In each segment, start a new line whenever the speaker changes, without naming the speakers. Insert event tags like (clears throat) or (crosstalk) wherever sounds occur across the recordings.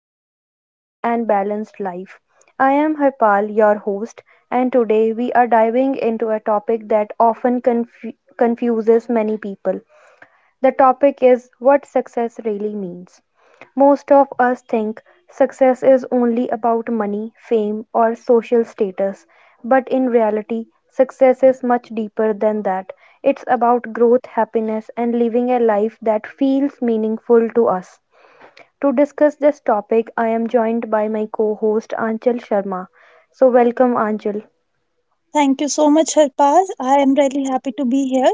more meaningful, and balanced life. I am Harpal, your host, and today we are diving into a topic that often confuses many people. The topic is what success really means. Most of us think success is only about money, fame, or social status, but in reality, success is much deeper than that. It's about growth, happiness, and living a life that feels meaningful to us. To discuss this topic, I am joined by my co host Anchal Sharma. So, welcome, Anchal.
Thank you so much, Harpal. I am really happy to be here.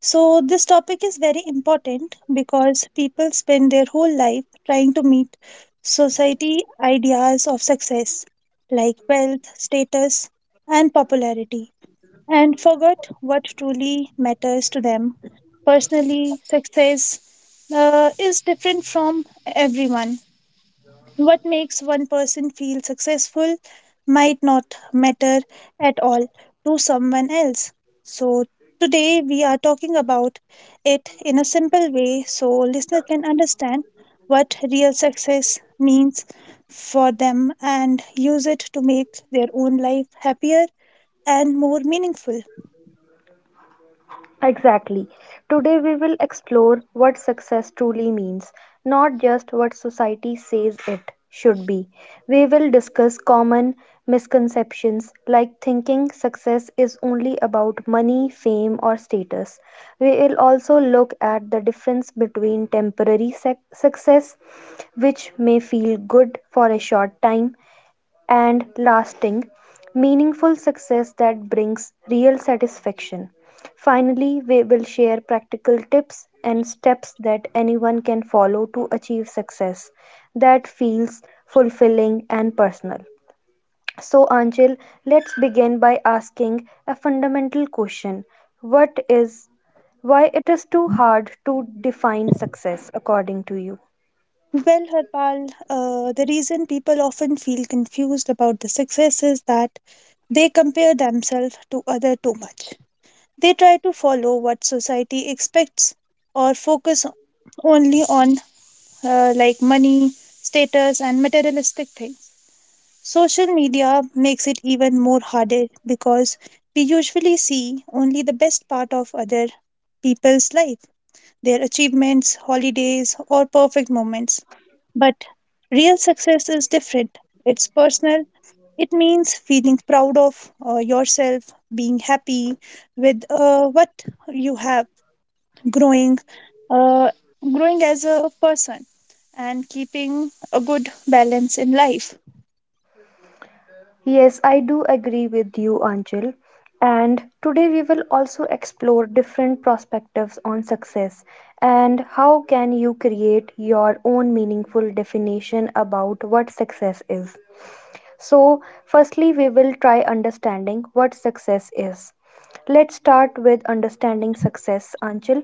So, this topic is very important because people spend their whole life trying to meet society ideas of success like wealth, status, and popularity, and forgot what truly matters to them. Personally, success is different from everyone. What makes one person feel successful might not matter at all to someone else. So, today we are talking about it in a simple way so listener can understand what real success means for them and use it to make their own life happier and more meaningful.
Exactly. Today we will explore what success truly means, not just what society says it should be. We will discuss common misconceptions like thinking success is only about money, fame, or status. We will also look at the difference between temporary success, which may feel good for a short time, and lasting, meaningful success that brings real satisfaction. Finally, we will share practical tips and steps that anyone can follow to achieve success that feels fulfilling and personal. So, Anjil, let's begin by asking a fundamental question. What is, why it is too hard to define success according to you?
Well, Harpal, the reason people often feel confused about the success is that they compare themselves to other too much. They try to follow what society expects or focus only on like money, status, and materialistic things. Social media makes it even more harder because we usually see only the best part of other people's life, their achievements, holidays, or perfect moments. But real success is different. It's personal. It means feeling proud of yourself, being happy with what you have, growing uh, growing as a person, and keeping a good balance in life.
Yes, I do agree with you, Anjal. And today we will also explore different perspectives on success and how can you create your own meaningful definition about what success is. So, firstly, we will try understanding what success is. Let's start with understanding success, Anchal.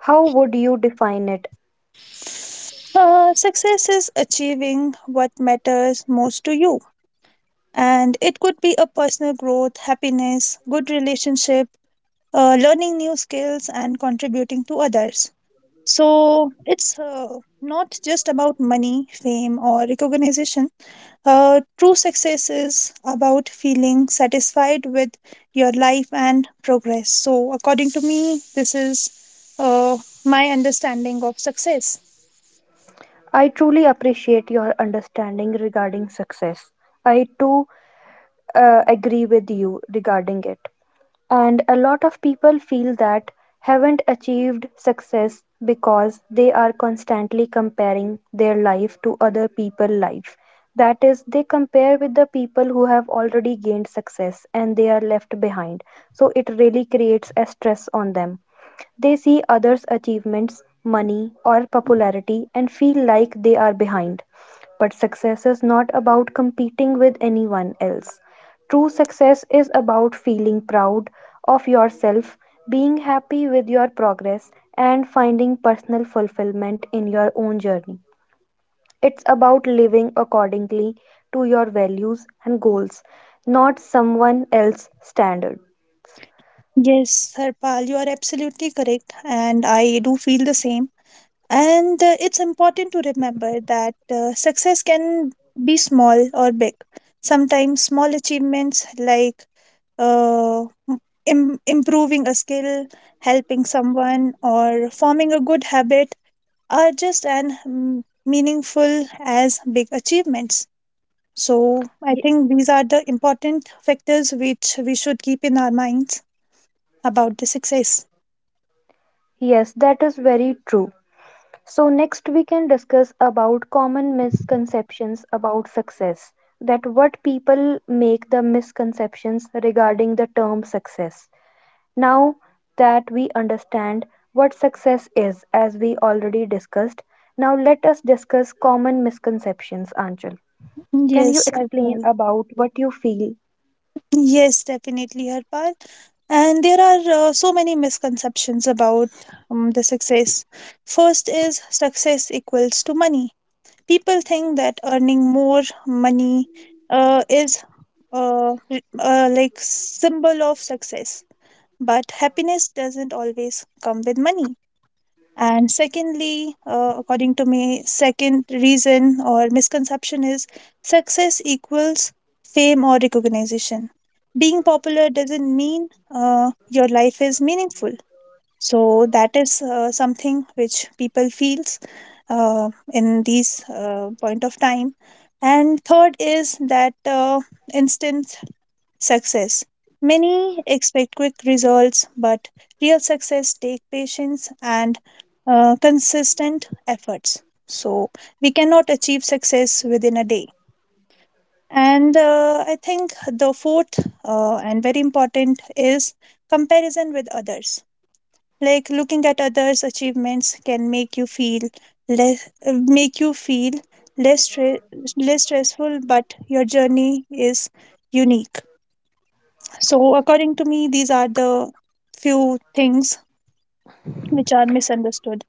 How would you define it?
Success is achieving what matters most to you, and it could be a personal growth, happiness, good relationship, learning new skills, and contributing to others. So it's not just about money, fame, or recognition. True success is about feeling satisfied with your life and progress. So, according to me, this is my understanding of success.
I truly appreciate your understanding regarding success. I too agree with you regarding it. And a lot of people feel that haven't achieved success because they are constantly comparing their life to other people's life. That is, they compare with the people who have already gained success and they are left behind. So it really creates a stress on them. They see others' achievements, money, or popularity and feel like they are behind. But success is not about competing with anyone else. True success is about feeling proud of yourself, being happy with your progress, and finding personal fulfillment in your own journey. It's about living accordingly to your values and goals, not someone else's standard.
Yes, Harpal, you are absolutely correct, and I do feel the same. And it's important to remember that success can be small or big. Sometimes small achievements like uh, improving a skill, helping someone, or forming a good habit are just as meaningful as big achievements. So, I
Y-
think these are the important factors which we should keep in our minds about the success.
Yes, that is very true. So next we can discuss about common misconceptions about success, that what people make the misconceptions regarding the term success. Now that we understand what success is, as we already discussed, now let us discuss common misconceptions, Anchal. Can you
Yes,
explain
Harpal.
about what you feel?
Yes, definitely, Harpal. And there are so many misconceptions about the success. First is success equals to money. People think that earning more money is like symbol of success, but happiness doesn't always come with money. And secondly, according to me, second reason or misconception is success equals fame or recognition. Being popular doesn't mean your life is meaningful. So that is something which people feels in these point of time. And third is that instant success. Many expect quick results, but real success take patience and consistent efforts. So we cannot achieve success within a day. And I think the fourth and very important is comparison with others. Like looking at others' achievements can make you feel less, make you feel less stre- less stressful, but your journey is unique. So, according to me, these are the few things which are misunderstood.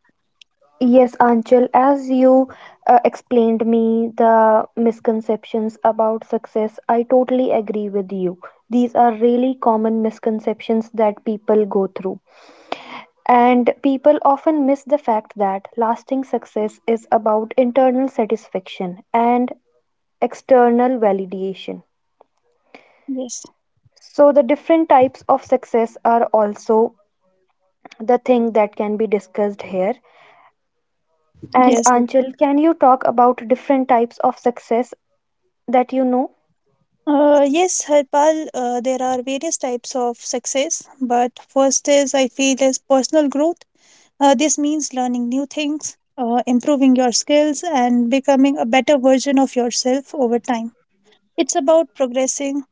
Yes, Anchal, as you explained me the misconceptions about success, I totally agree with you. These are really common misconceptions that people go through. And people often miss the fact that lasting success is about internal satisfaction and external validation.
Yes.
So, the different types of success are also the thing that can be discussed here. And
Yes. Yes.
Anchal, can you talk about different types of success that you know.
Yes, Harpal, there are various types of success, but first is I feel is personal growth. This means learning new things, improving your skills, and becoming a better version of yourself over time. It's about progressing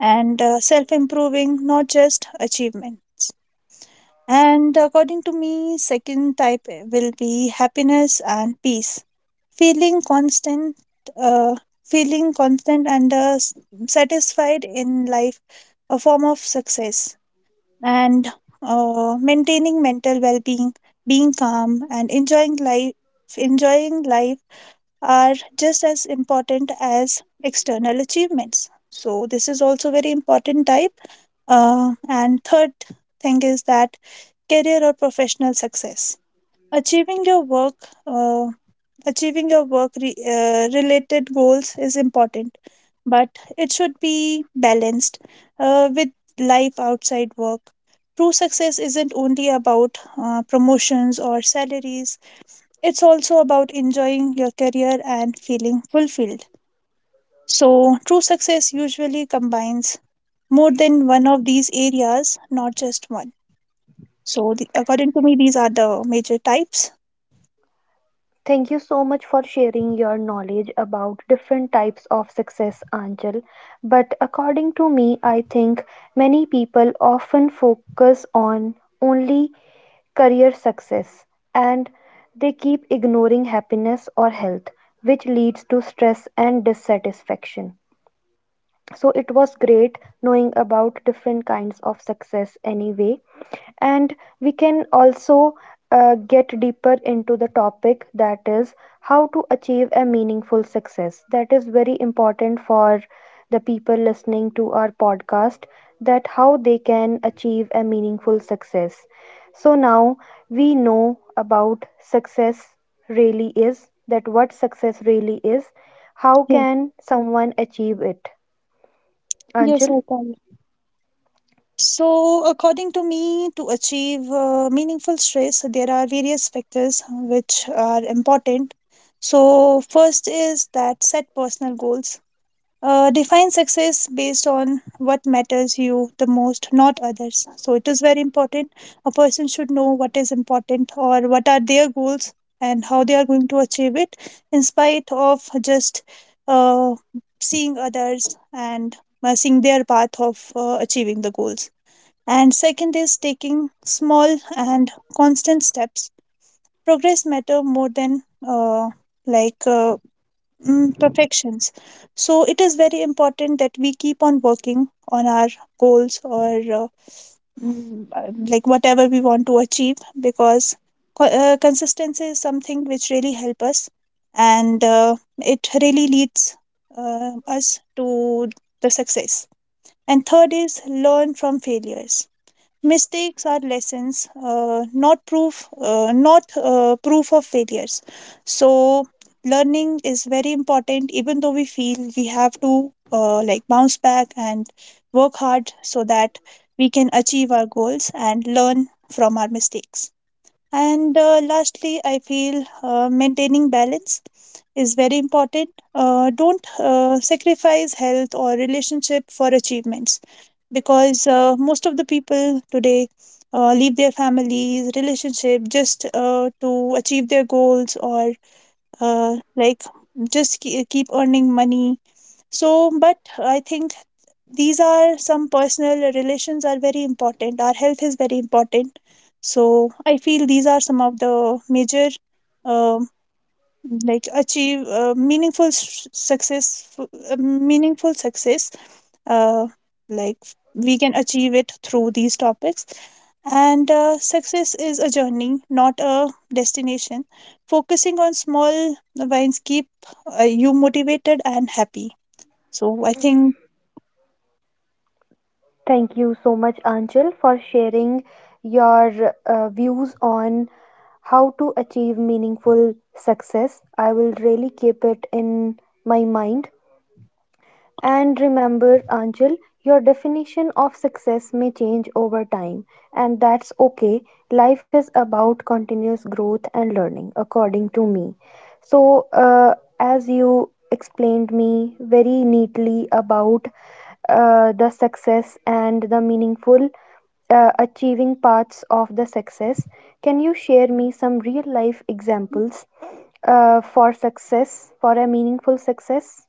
and self improving, not just achievement. And according to me, second type will be happiness and peace. Feeling constant, uh, Feeling constant and satisfied in life, a form of success, and maintaining mental well-being, being calm, and enjoying life are just as important as external achievements. So this is also very important type. And third thing is that career or professional success, achieving your work uh, achieving your work related goals is important, but it should be balanced with life outside work. True success isn't only about promotions or salaries, it's also about enjoying your career and feeling fulfilled. So true success usually combines more than one of these areas, not just one. So according to me these are the major types.
Thank you so much for sharing your knowledge about different types of success, Anjal. But according to me, I think many people often focus on only career success and they keep ignoring happiness or health, which leads to stress and dissatisfaction. So it was great knowing about different kinds of success anyway. And we can also get deeper into the topic, that is how to achieve a meaningful success, that is very important for the people listening to our podcast, that how they can achieve a meaningful success. So now we know about success really is, that what success really is, how
Yes,
can someone achieve it,
yes,
anchal?
I can. So, according to me, to achieve meaningful stress, there are various factors which are important. So, first is that set personal goals. Define success based on what matters you the most, not others. So it is very important a person should know what is important or what are their goals and how they are going to achieve it, in spite of just uh, seeing others and seeing their path of achieving the goals. And second is taking small and constant steps. Progress matter more than like uh, perfections. So it is very important that we keep on working on our goals or like whatever we want to achieve, because consistency is something which really help us and it really leads us to the success. And third is learn from failures. Mistakes are lessons, not proof of failures. So learning is very important, even though we feel we have to like bounce back and work hard so that we can achieve our goals and learn from our mistakes. And lastly I feel maintaining balance is very important. Don't sacrifice health or relationship for achievements, because most of the people today leave their families, relationship, just to achieve their goals or like just keep earning money. So, but I think these are some personal relations are very important. Our health is very important. So I feel these are some of the major uh, like achieve meaningful s- success meaningful success, uh, like we can achieve it through these topics. And success is a journey, not a destination. Focusing on small wins keep you motivated and happy. So I think,
Thank you so much, Anchal, for sharing your views on how to achieve meaningful success. I will really keep it in my mind. And remember, Anjal, your definition of success may change over time, and that's okay. Life is about continuous growth and learning, according to me. So, as you explained me very neatly about the success and the meaningful achieving parts of the success, can you share me some real life examples for success, for a meaningful success?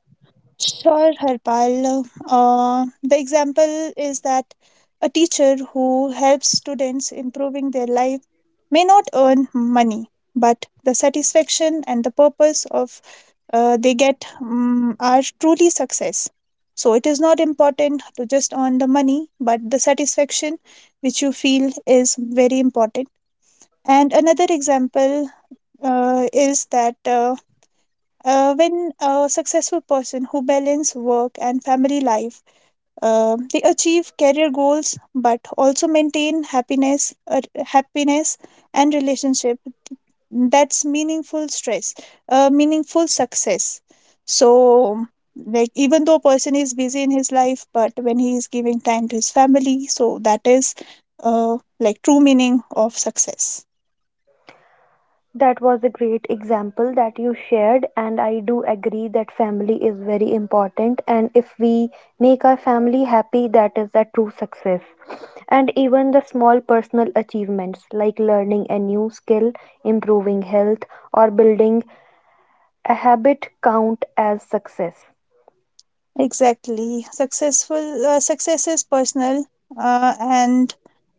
sure, Harpal, the example is that a teacher who helps students improving their life may not earn money, but the satisfaction and the purpose of they get are truly success. So it is not important to just earn the money, but the satisfaction which you feel is very important. And another example is that when a successful person who balance work and family life, they achieve career goals, but also maintain happiness and relationship, that's meaningful success. So, like, even though a person is busy in his life, but when he is giving time to his family, so that is like true meaning of success.
That was a great example that you shared, and I do agree that family is very important. And if we make our family happy, that is a true success. And even the small personal achievements like learning a new skill, improving health, or building a habit count as success.
Exactly, success is personal and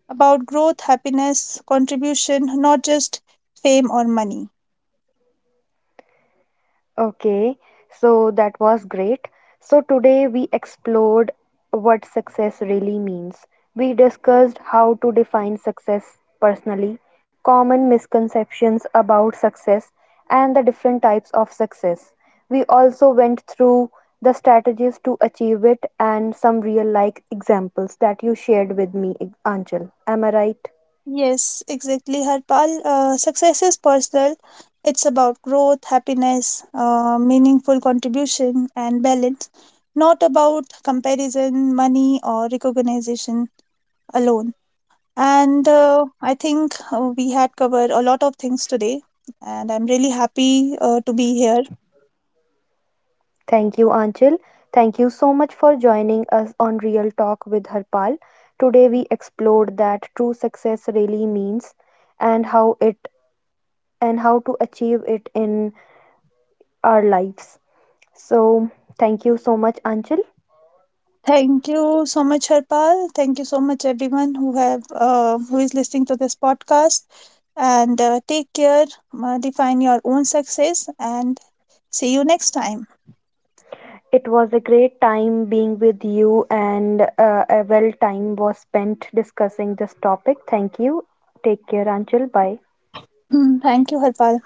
about growth, happiness, contribution, not just fame or money.
Okay, so that was great. So today we explored what success really means. We discussed how to define success personally, common misconceptions about success, and the different types of success. We also went through the strategies to achieve it and some real life examples that you shared with me, Anchal. Am I right?
Yes, exactly, Harpal. Success is personal. It's about growth, happiness, meaningful contribution, and balance, not about comparison, money, or recognition alone. And I think we had covered a lot of things today, and I'm really happy to be here.
Thank you, Anchal. Thank you so much for joining us on Real Talk with Harpal. Today we explored that true success really means and how it, and how to achieve it in our lives. So, thank you so much, Anchal.
Thank you so much, Harpal. Thank you so much, everyone who have who is listening to this podcast. And take care, define your own success, and see you next time. (laughs)
It was a great time being with you, and a well time was spent discussing this topic. Thank you. Take care, Anchal. Bye.
(clears throat) Thank you, Harpal.